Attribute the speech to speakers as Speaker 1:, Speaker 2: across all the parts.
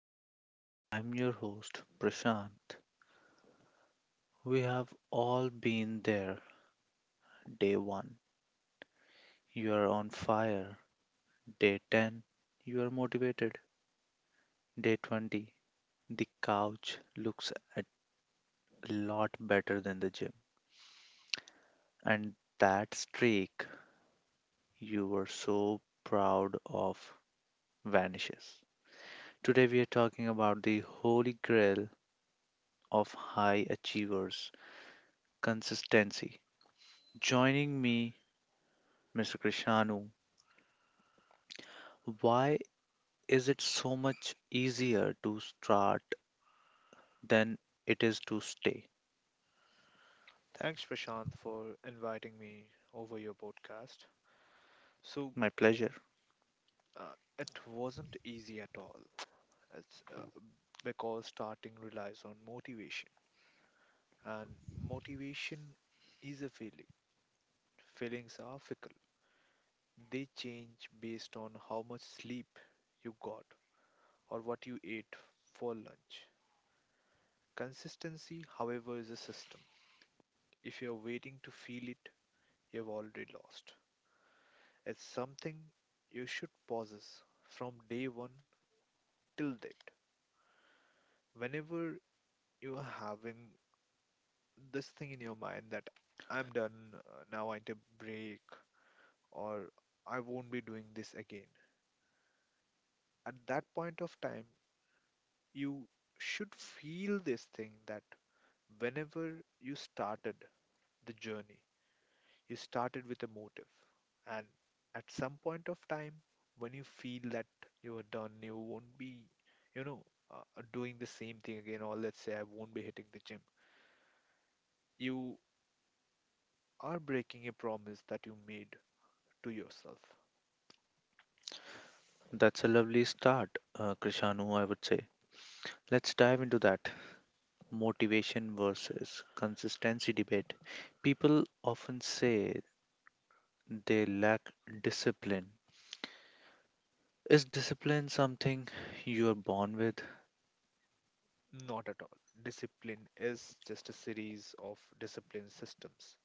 Speaker 1: podcast. I'm your host, Prashant. We have all been there. Day 1, you are on fire. Day 10, you are motivated. Day 20, the couch looks a lot better than the gym. And that streak you were so proud of vanishes. Today, we are talking about the holy grail of high achievers consistency. Joining me Mr. Krishanu, why is it so much easier to start than it is to stay?
Speaker 2: Thanks, Prashant, for inviting me over your podcast. So,
Speaker 1: My pleasure.
Speaker 2: uh, it wasn't easy at all. It's because starting relies on motivation, and motivation is a feeling. Feelings are fickle, they change based on how much sleep you got or what you ate for lunch. Consistency, however, is a system. If you're waiting to feel it, you've already lost. It's something you should possess from day one till date whenever you are having this thing in your mind that I'm done. Now I need a break, or I won't be doing this again. At that point of time you should feel this thing that whenever you started the journey, you started with a motive, and at some point of time when you feel that you are done, you won't be you know doing the same thing again, or let's say I won't be hitting the gym, you are breaking a promise that you made to yourself.
Speaker 1: That's a lovely start, Krishanu, I would say. Let's dive into that motivation versus consistency debate. People often say they lack discipline. Is discipline something you are born with?
Speaker 2: Not at all. Discipline is just a series of discipline systems.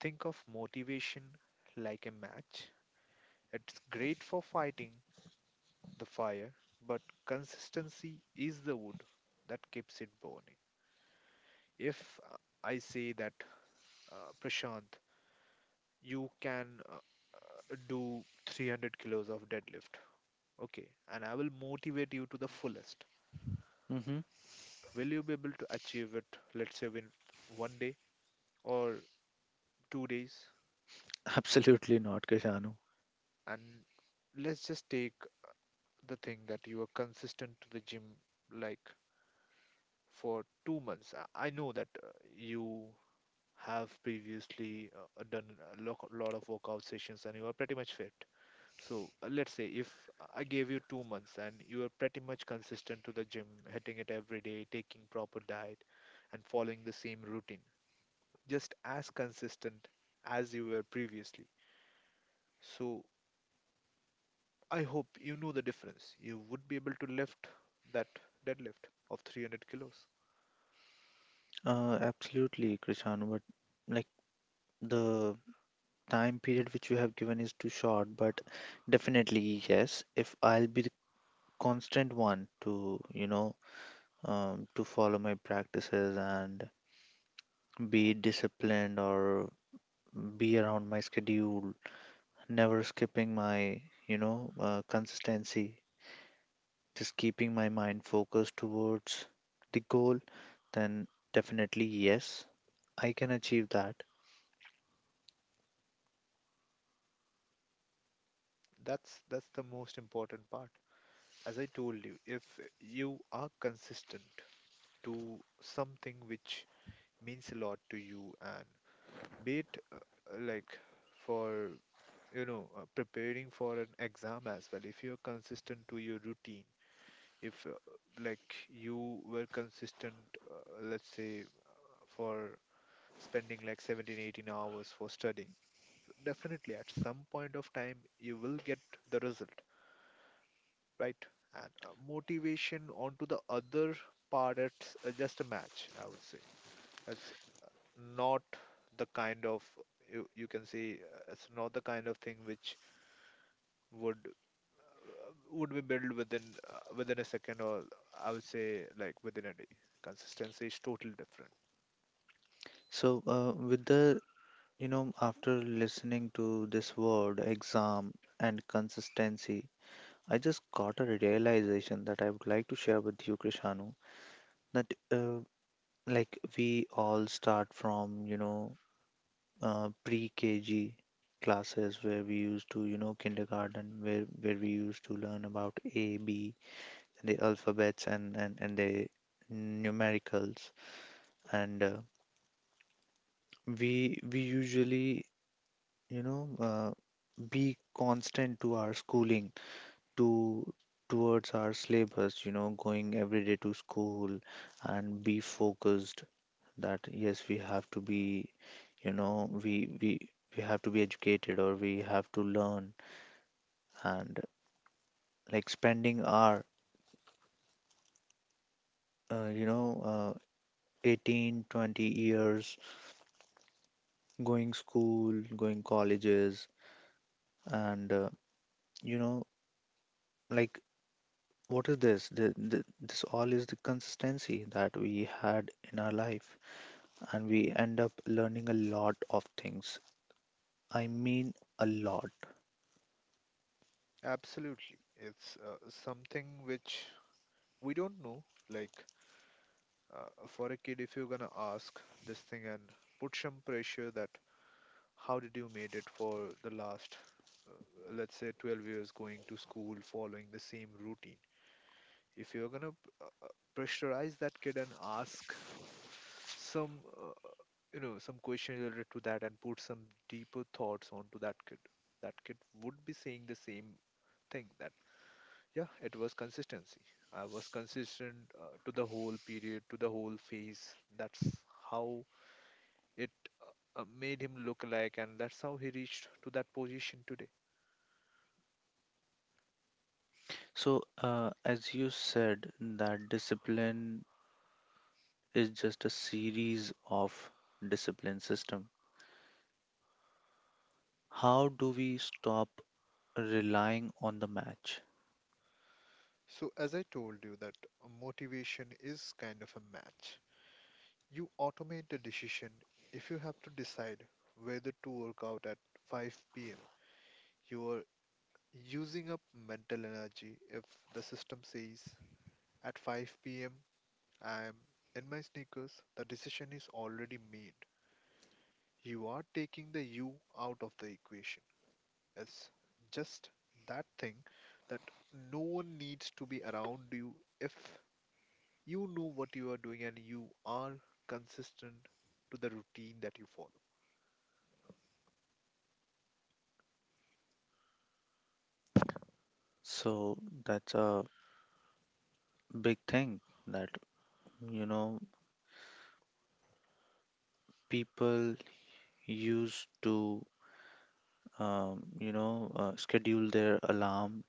Speaker 2: Think of motivation like a match. It's great for fighting the fire, but consistency is the wood that keeps it burning. If I say that, Prashant, you can do 300 kilos of deadlift, okay, and I will motivate you to the fullest.
Speaker 1: Hmm.
Speaker 2: Will you be able to achieve it, let's say, in 1 day or 2 days?
Speaker 1: Absolutely not, Krishanu.
Speaker 2: And let's just take the thing that you are consistent to the gym, like, for 2 months. I know that you have previously done a lot of workout sessions and you are pretty much fit. So let's say if I gave you 2 months and you are pretty much consistent to the gym, hitting it every day, taking proper diet, and following the same routine, just as consistent as you were previously. So I hope you know the difference. You would be able to lift that deadlift of 300 kilos.
Speaker 1: Absolutely, Krishanu. But like the time period which you have given is too short, but definitely yes. If I'll be the constant one to follow my practices and be disciplined or be around my schedule, never skipping my consistency, just keeping my mind focused towards the goal, then definitely yes, I can achieve that.
Speaker 2: That's the most important part. As I told you, if you are consistent to something which means a lot to you, and be it like, for preparing for an exam as well, if you're consistent to your routine, if like you were consistent, let's say, for spending like 17, 18 hours for studying, definitely at some point of time you will get the result, right? And motivation, onto the other part, it's just a match, I would say. It's not the kind of, you can say, it's not the kind of thing which would, would be built within, within a second, or I would say like within a day. Consistency is totally different.
Speaker 1: So, with the You know, after listening to this word exam and consistency, I just got a realization that I would like to share with you, Krishanu, that like we all start from pre-KG classes where we used to kindergarten where we used to learn about A, B, and the alphabets and the numericals, and we usually, you know uh, be constant to our schooling to towards our syllabus, going every day to school and be focused that yes we have to be, you know we we we have to be educated or we have to learn, and like spending our uh, you know uh, 18 20 years going school going colleges, and you know like what is this? This all is the consistency that we had in our life, and we end up learning a lot of things. I mean, a lot.
Speaker 2: Absolutely. It's something which we don't know. Like, for a kid, if you're gonna ask this thing and put some pressure that how did you made it for the last, let's say, 12 years going to school, following the same routine. If you're gonna pressurize that kid and ask some, some question related to that and put some deeper thoughts onto that kid would be saying the same thing. That, yeah, it was consistency. I was consistent to the whole period, to the whole phase. That's how it made him look like, and that's how he reached to that position today.
Speaker 1: So, as you said, that discipline is just a series of discipline system. How do we stop relying on the match?
Speaker 2: So, as I told you, that motivation is kind of a match. You automate the decision. If you have to decide whether to work out at 5 pm, you are using up mental energy. If the system says at 5 p.m. I'm in my sneakers, the decision is already made. You are taking the you out of the equation. It's just that thing that no one needs to be around you if you know what you are doing and you are consistent to the routine that you follow.
Speaker 1: So that's a big thing that, you know people used to, schedule their alarm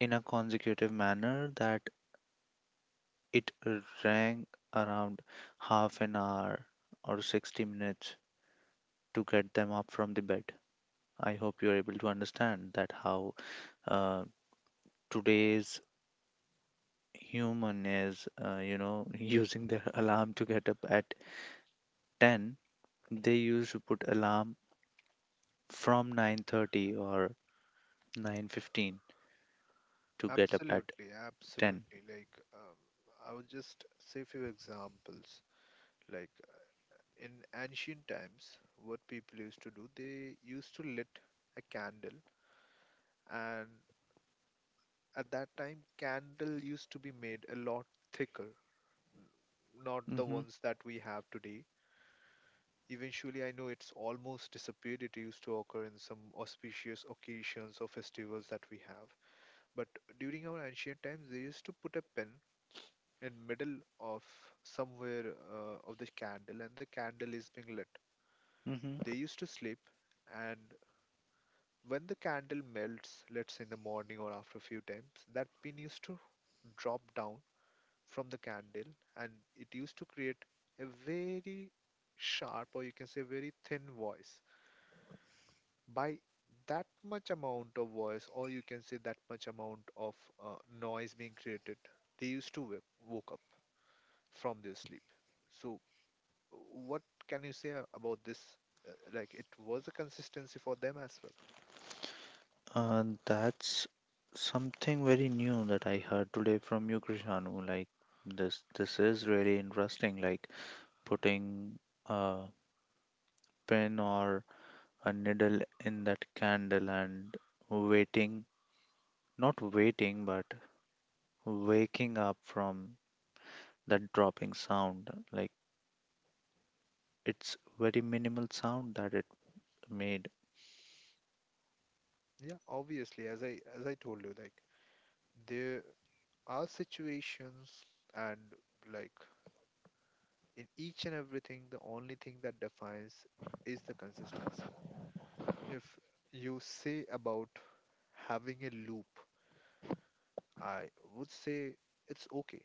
Speaker 1: in a consecutive manner that it rang around half an hour or 60 minutes to get them up from the bed. I hope you're able to understand that how, uh, today's human is, using their alarm to get up at 10. They used to put alarm from 9:30 or 9:15 to get up at
Speaker 2: Absolutely,
Speaker 1: 10.
Speaker 2: absolutely. Like, um, I would just say few examples. Like, in ancient times, what people used to do, they used to lit a candle, and at that time candle used to be made a lot thicker, n- not the
Speaker 1: Mm-hmm,
Speaker 2: ones that we have today. Eventually, I know it's almost disappeared, it used to occur in some auspicious occasions or festivals that we have. But during our ancient times, they used to put a pin in middle of somewhere of the candle, and the candle is being lit.
Speaker 1: mm-hmm.
Speaker 2: They used to sleep, and when the candle melts, let's say in the morning or after a few times, that pin used to drop down from the candle, and it used to create a very sharp, or you can say very thin voice. By that much amount of voice, or you can say that much amount of uh, noise being created, they used to woke up from their sleep. So what can you say about this? Like, it was a consistency for them as well.
Speaker 1: That's something very new that I heard today from you, Krishanu. Like this is really interesting. Like putting a pin or a needle in that candle and waiting, not waiting, but waking up from that dropping sound. Like it's very minimal sound that it made.
Speaker 2: Yeah, obviously, as I told you, like, there are situations, and like, in each and everything, the only thing that defines is the consistency. If you say about having a loop, I would say it's okay.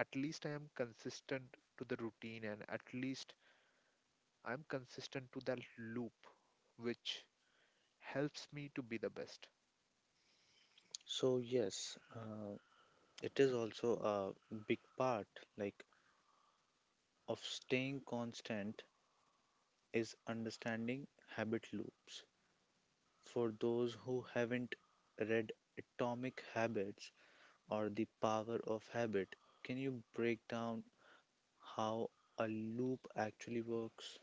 Speaker 2: At least I am consistent to the routine, and at least I'm consistent to that loop, which helps me to be the best.
Speaker 1: So yes, it is also a big part, like of staying constant is understanding habit loops. For those who haven't read Atomic Habits or The Power of Habit, can you break down how a loop actually works?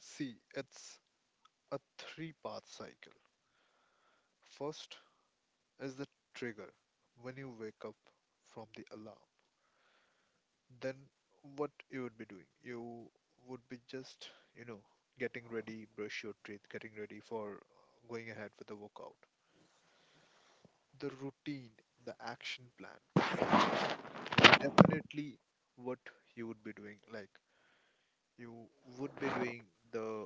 Speaker 2: See, it's a three-part cycle. First is the trigger, when you wake up from the alarm. Then what you would be doing? You would be just, you know, getting ready, brush your teeth, getting ready for going ahead with the workout. The routine, the action plan, definitely what you would be doing. Like, you would be doing the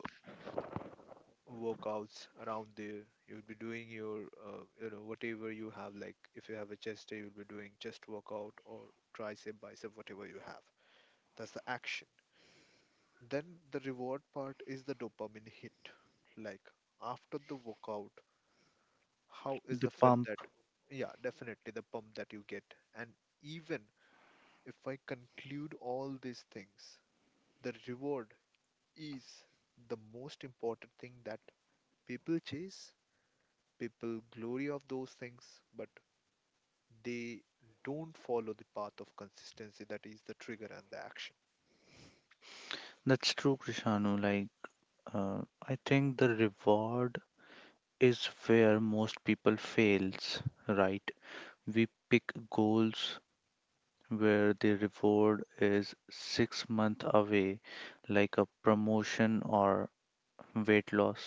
Speaker 2: workouts around there. You would be doing your, whatever you have. Like, if you have a chest day, you'll be doing chest workout or tricep, bicep, whatever you have. That's the action. Then the reward part is the dopamine hit. Like, after the workout, how is
Speaker 1: The
Speaker 2: the fed
Speaker 1: pump.
Speaker 2: that? Yeah, definitely the pump that you get. And even if I conclude all these things, the reward is the most important thing that people chase. People glory of those things, but they don't follow the path of consistency, that is the trigger and the action.
Speaker 1: That's true, Krishanu. Like, I think the reward is where most people fails, right? We pick goals where the reward is 6 months away, like a promotion or weight loss.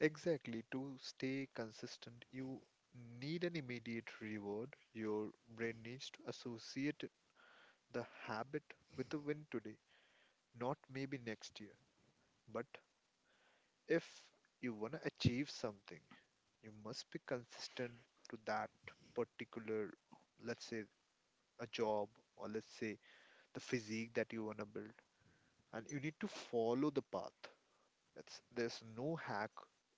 Speaker 2: Exactly, to stay consistent, you need an immediate reward. Your brain needs to associate the habit with a win today, not maybe next year. But if you want to achieve something, you must be consistent to that particular, let's say, a job, or let's say the physique that you want to build. And you need to follow the path. It's, there's no hack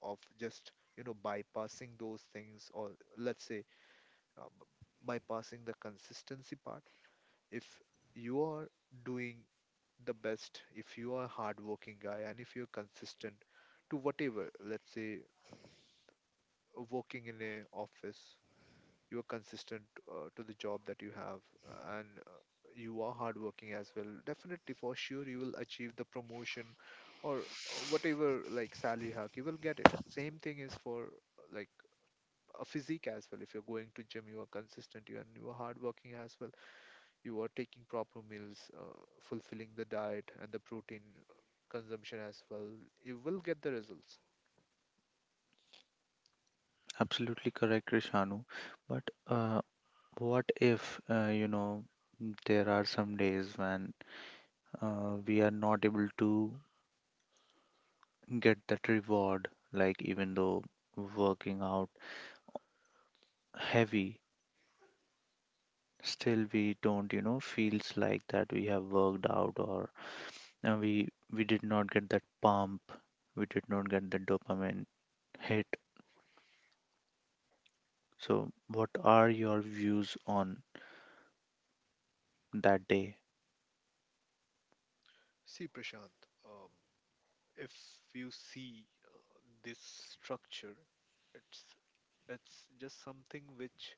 Speaker 2: of just, you know, bypassing those things, or let's say uh, b- bypassing the consistency part. If you are doing the best, if you are a hardworking guy, and if you're consistent to whatever, let's say working in a office, you're consistent to the job that you have, and you are hardworking as well. Definitely, for sure, you will achieve the promotion or whatever, like salary hike, you will get it. Same thing is for like a physique as well. If you're going to gym, you are consistent, you, and you are hardworking as well, you are taking proper meals, fulfilling the diet and the protein uh, consumption as well, you will get the results.
Speaker 1: Absolutely correct, Rishanu. But uh, what if, there are some days when, we are not able to get that reward, like even though working out heavy, still we don't, feels like that we have worked out, or we did not get that pump, we did not get the dopamine hit. So, what are your views on that day?
Speaker 2: See, Prashant, um, if you see this structure, it's it's just something which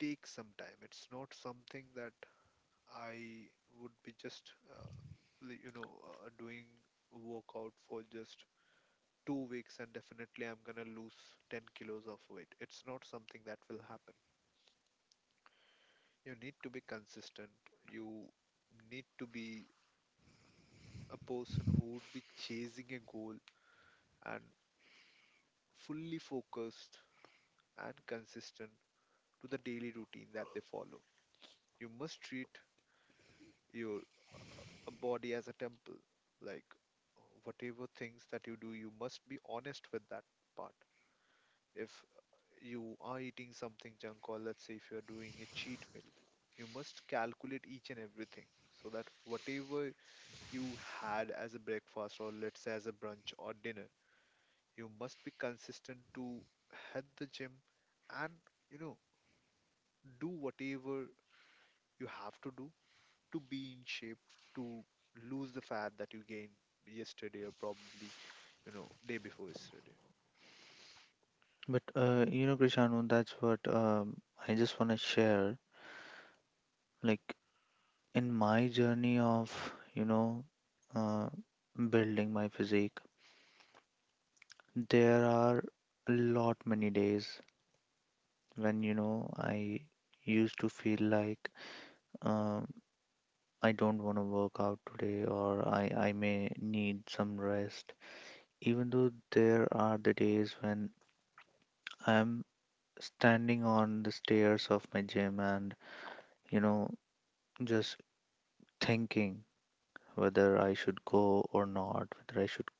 Speaker 2: takes some time. It's not something that I would be just doing workout for just 2 weeks and definitely I'm gonna lose 10 kilos of weight. It's not something that will happen. You need to be consistent. You need to be a person who would be chasing a goal and fully focused and consistent to the daily routine that they follow. You must treat your body as a temple. Like, whatever things that you do, you must be honest with that part. If you are eating something junk, or let's say if you are doing a cheat meal, you must calculate each and everything, so that whatever you had as a breakfast, or let's say as a brunch or dinner. You must be consistent to hit the gym and, you know, do whatever you have to do to be in shape, to lose the fat that you gained yesterday, or probably, you know, day before yesterday.
Speaker 1: But Krishanu, that's what, I just want to share. Like in my journey of, you know, uh, building my physique, there are a lot many days when, I used to feel like, um, I don't want to work out today, or I may need some rest. Even though there are the days when I'm standing on the stairs of my gym and, you know, just thinking whether I should go or not, whether I should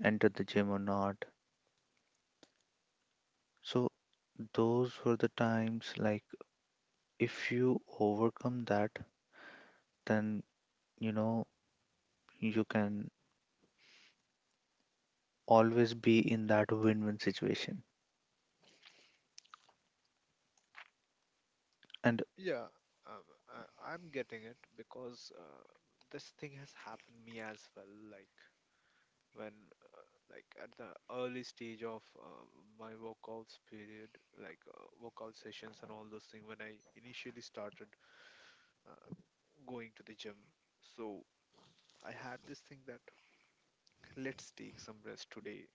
Speaker 1: enter the gym or not. So those were the times, like if you overcome that, then, you know you can always be in that win-win situation. And
Speaker 2: Yeah, I'm getting it because this thing has happened me as well. When uh, at the early stage of my workouts period like workout sessions and all those things when I initially started uh, going to the gym so I had this thing that let's take some rest today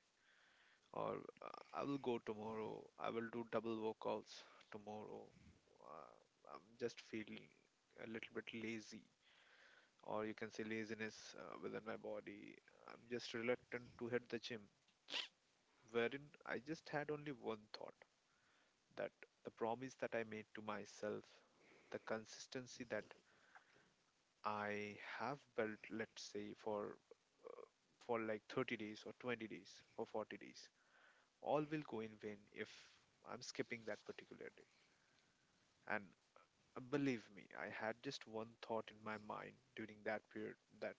Speaker 2: or I will go tomorrow I will do double workouts tomorrow uh, I'm just feeling a little bit lazy or you can say laziness within my body I'm just reluctant to hit the gym wherein I just had only one thought that the promise that I made to myself, the consistency that I have built, let's say, for like 30 days or 20 days or 40 days, all will go in vain if I'm skipping that particular day. And believe me, I had just one thought in my mind during that period that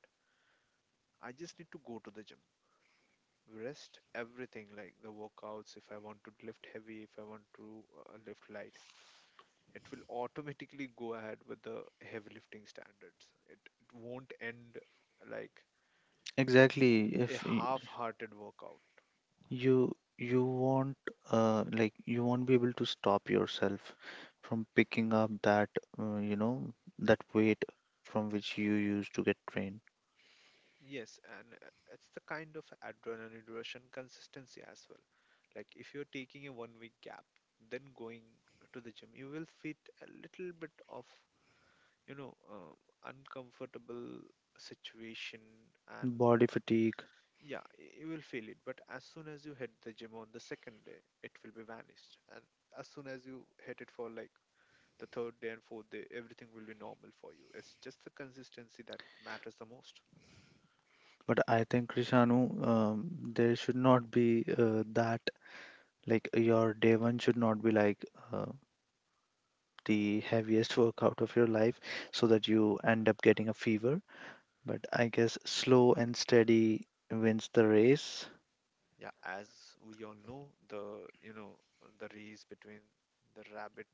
Speaker 2: I just need to go to the gym, rest everything like the workouts, if I want to lift heavy, if I want to lift light it will automatically go ahead with the heavy lifting standards. It won't end like
Speaker 1: exactly,
Speaker 2: a
Speaker 1: if y-
Speaker 2: half hearted workout.
Speaker 1: you you won't, like you won't be able to stop yourself from picking up that, uh, you know that weight from which you used to get trained.
Speaker 2: Yes, and it's the kind of adrenaline rush and consistency as well. Like if you're taking a 1 week gap, then going to the gym, you will feel a little bit of you know uh, uncomfortable situation and
Speaker 1: Body fatigue.
Speaker 2: yeah, you will feel it, but as soon as you hit the gym on the second day, it will be vanished. And as soon as you hit it for like the third day and fourth day, everything will be normal for you. It's just the consistency that matters the most.
Speaker 1: But I think Krishanu, there should not be, that like your day one should not be like, uh, the heaviest workout of your life, so that you end up getting a fever. But I guess slow and steady wins the race.
Speaker 2: Yeah, as we all know, the the race between the rabbit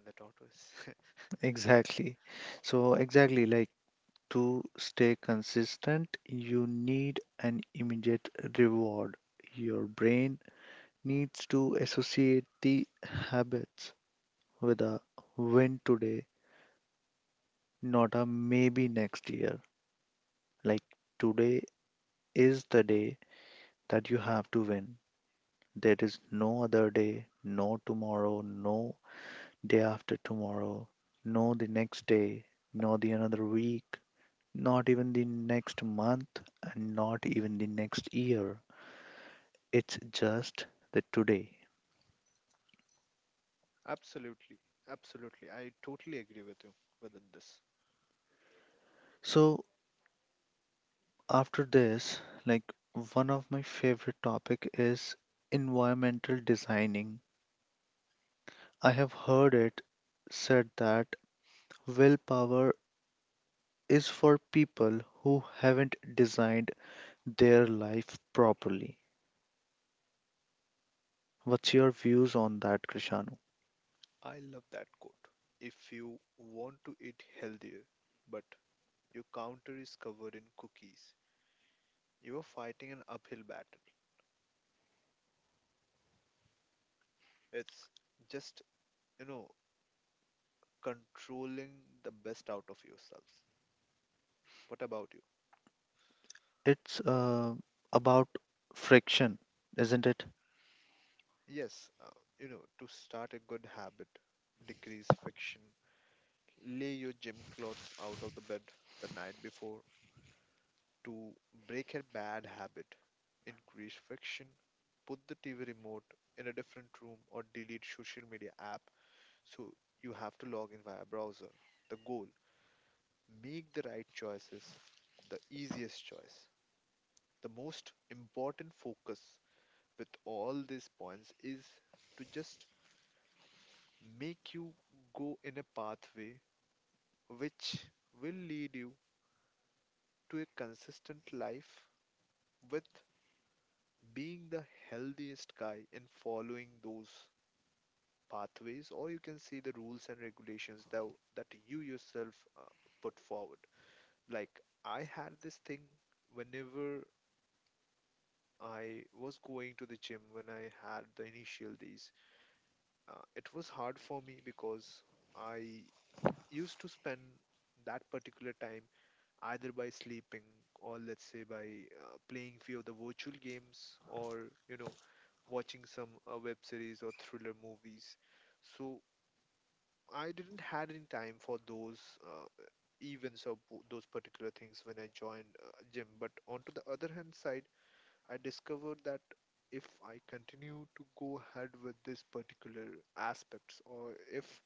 Speaker 2: and the tortoise.
Speaker 1: Exactly. So exactly, like to stay consistent, you need an immediate reward. Your brain needs to associate the habits with a win today, not a maybe next year. Like today is the day that you have to win. There is no other day, no tomorrow, no day after tomorrow, no the next day, no the another week, not even the next month, and not even the next year. It's just the today.
Speaker 2: Absolutely, absolutely. I totally agree with you within this.
Speaker 1: So after this, like one of my favorite topic is environmental designing. I have heard it said that willpower is for people who haven't designed their life properly. What's your views on that, Krishanu?
Speaker 2: I love that quote. If you want to eat healthier, but your counter is covered in cookies. You're fighting an uphill battle. It's just, you know, controlling the best out of yourselves. What about you?
Speaker 1: It's about friction, isn't it?
Speaker 2: Yes, you know, to start a good habit, decrease friction, lay your gym clothes out of the bed the night before. To break a bad habit, increase friction, put the TV remote in a different room or delete social media app so you have to log in via browser. The goal: make the right choices, the easiest choice. The most important focus with all these points is to just make you go in a pathway which will lead you to a consistent life with being the healthiest guy in following those pathways or you can say the rules and regulations that you yourself put forward like I had this thing whenever I was going to the gym when I had the initial days. It was hard for me because I used to spend that particular time either by sleeping or let's say by playing few of the virtual games or you know watching some web series or thriller movies. So I didn't had any time for those uh, those particular things when I joined gym. But on to the other hand side I discovered that if I continue to go ahead with this particular aspects, or if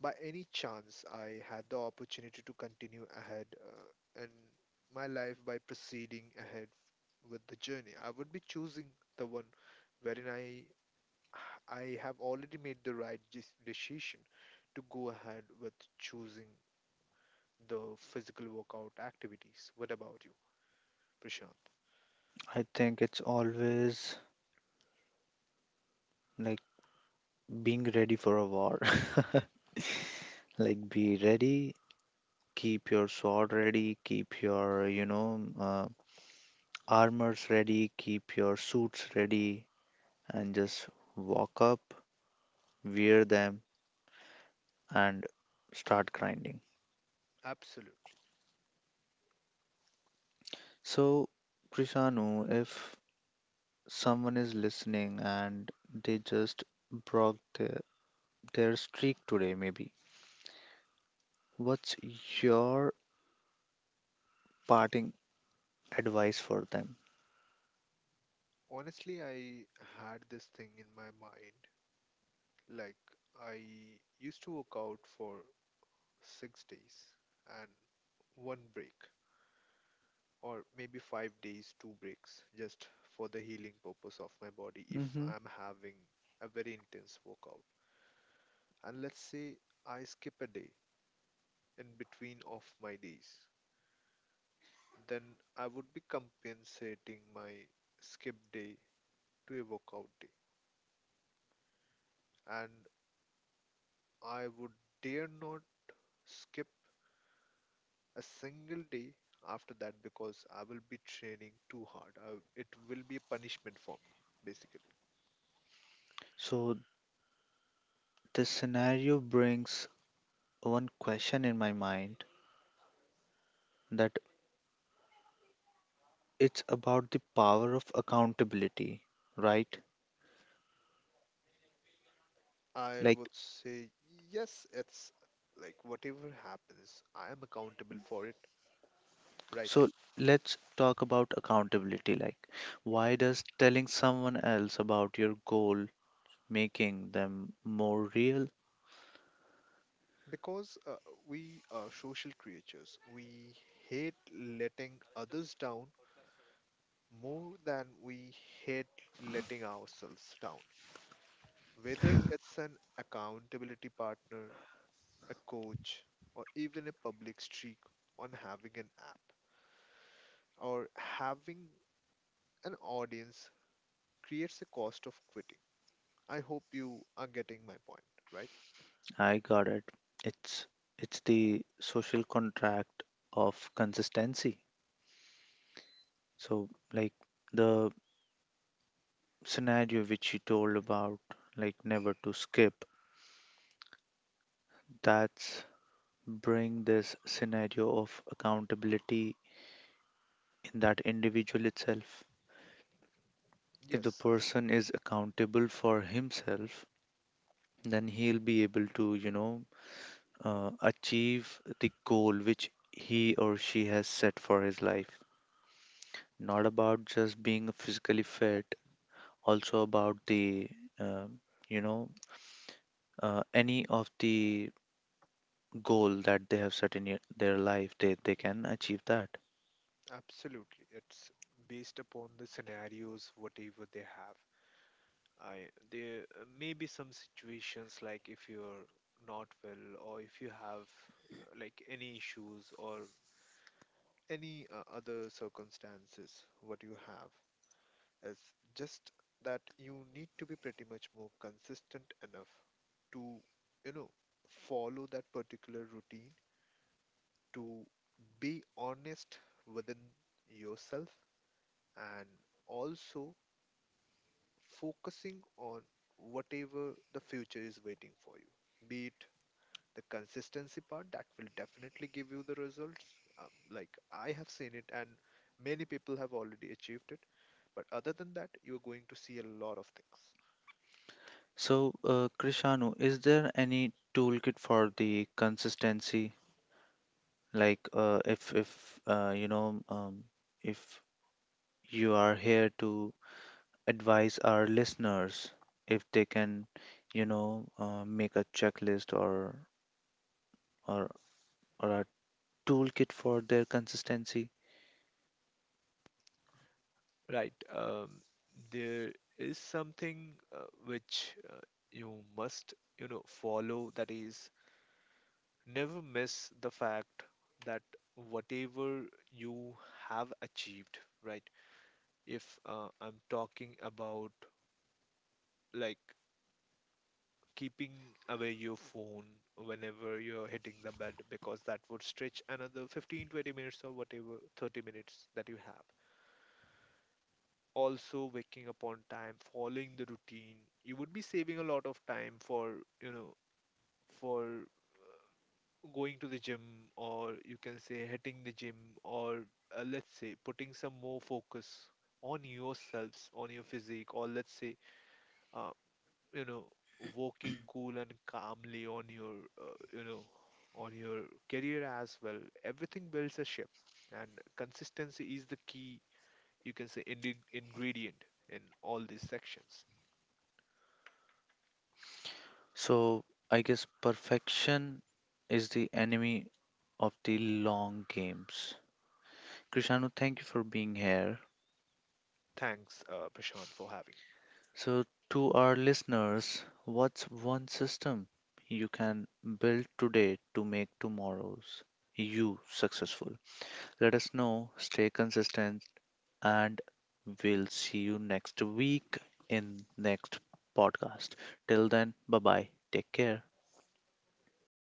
Speaker 2: by any chance I had the opportunity to continue ahead in my life by proceeding ahead with the journey, I would be choosing the one wherein I have already made the right decision to go ahead with choosing the physical workout activities. What about you, Prashant?
Speaker 1: I think it's always like being ready for a war. Like, be ready, keep your sword ready, keep your armors ready, keep your suits ready, and just walk up, wear them, and start grinding.
Speaker 2: Absolutely.
Speaker 1: So, Krishanu, if someone is listening and they just broke their streak today, maybe, what's your parting advice for them?
Speaker 2: Honestly, I had this thing in my mind. Like, I used to work out for 6 days and one break, or maybe 5 days, two breaks, just for the healing purpose of my body if
Speaker 1: Hmm.
Speaker 2: I'm having a very intense workout. And let's say I skip a day in between of my days, then I would be compensating my skip day to a workout day. And I would dare not skip a single day after that because I will be training too hard. It will be a punishment for me, basically.
Speaker 1: So, this scenario brings one question in my mind that it's about the power of accountability, right?
Speaker 2: I
Speaker 1: Like,
Speaker 2: would say, yes, it's like whatever happens, I am accountable for it, right?
Speaker 1: so let's talk about accountability. Like, why does telling someone else about your goal making them more real.
Speaker 2: Because we are social creatures. We hate letting others down more than we hate letting ourselves down. Whether it's an accountability partner, a coach, or even a public streak on having an app or having an audience creates a cost of quitting. I hope you are getting my point, right?
Speaker 1: I got it. It's it's the social contract of consistency. So like the scenario which you told about, like never to skip, that's bring this scenario of accountability in that individual itself. If the
Speaker 2: Yes,
Speaker 1: person is accountable for himself, then he'll be able to, achieve the goal which he or she has set for his life. Not about just being physically fit, also about uh, you know, any of the goal that they have set in their life, they can achieve that.
Speaker 2: absolutely. It's based upon the scenarios, whatever they have. I there may be some situations like if you're not well or if you have like any issues or any other circumstances what you have is just that you need to be pretty much more consistent enough to, you know, follow that particular routine, to be honest within yourself, and also focusing on whatever the future is waiting for you. Be it the consistency part that will definitely give you the results. Like I have seen it, and many people have already achieved it. But other than that, you're going to see a lot of things.
Speaker 1: So, Krishanu, is there any toolkit for the consistency? Like, if you are here to advise our listeners, if they can, make a checklist, or or or a toolkit for their consistency.
Speaker 2: Right. There is something which you must, you know, follow. That is, never miss the fact that whatever you have achieved, right? If I'm talking about like keeping away your phone whenever you're hitting the bed, because that would stretch another 15, 20 minutes or whatever, 30 minutes that you have. Also waking up on time, following the routine, you would be saving a lot of time for, you know, for going to the gym or you can say hitting the gym or let's say putting some more focus on yourselves, on your physique, or let's say, uh, you know, walking cool and calmly on your, you know, on your career as well. Everything builds a ship, and consistency is the key, you can say, ingredient in all these sections.
Speaker 1: So I guess perfection is the enemy of the long games. Krishanu, thank you for being here.
Speaker 2: Thanks, Prashant, for having me.
Speaker 1: So to our listeners, what's one system you can build today to make tomorrow's you successful? Let us know, stay consistent, and we'll see you next week in next podcast. Till then, bye bye. Take care.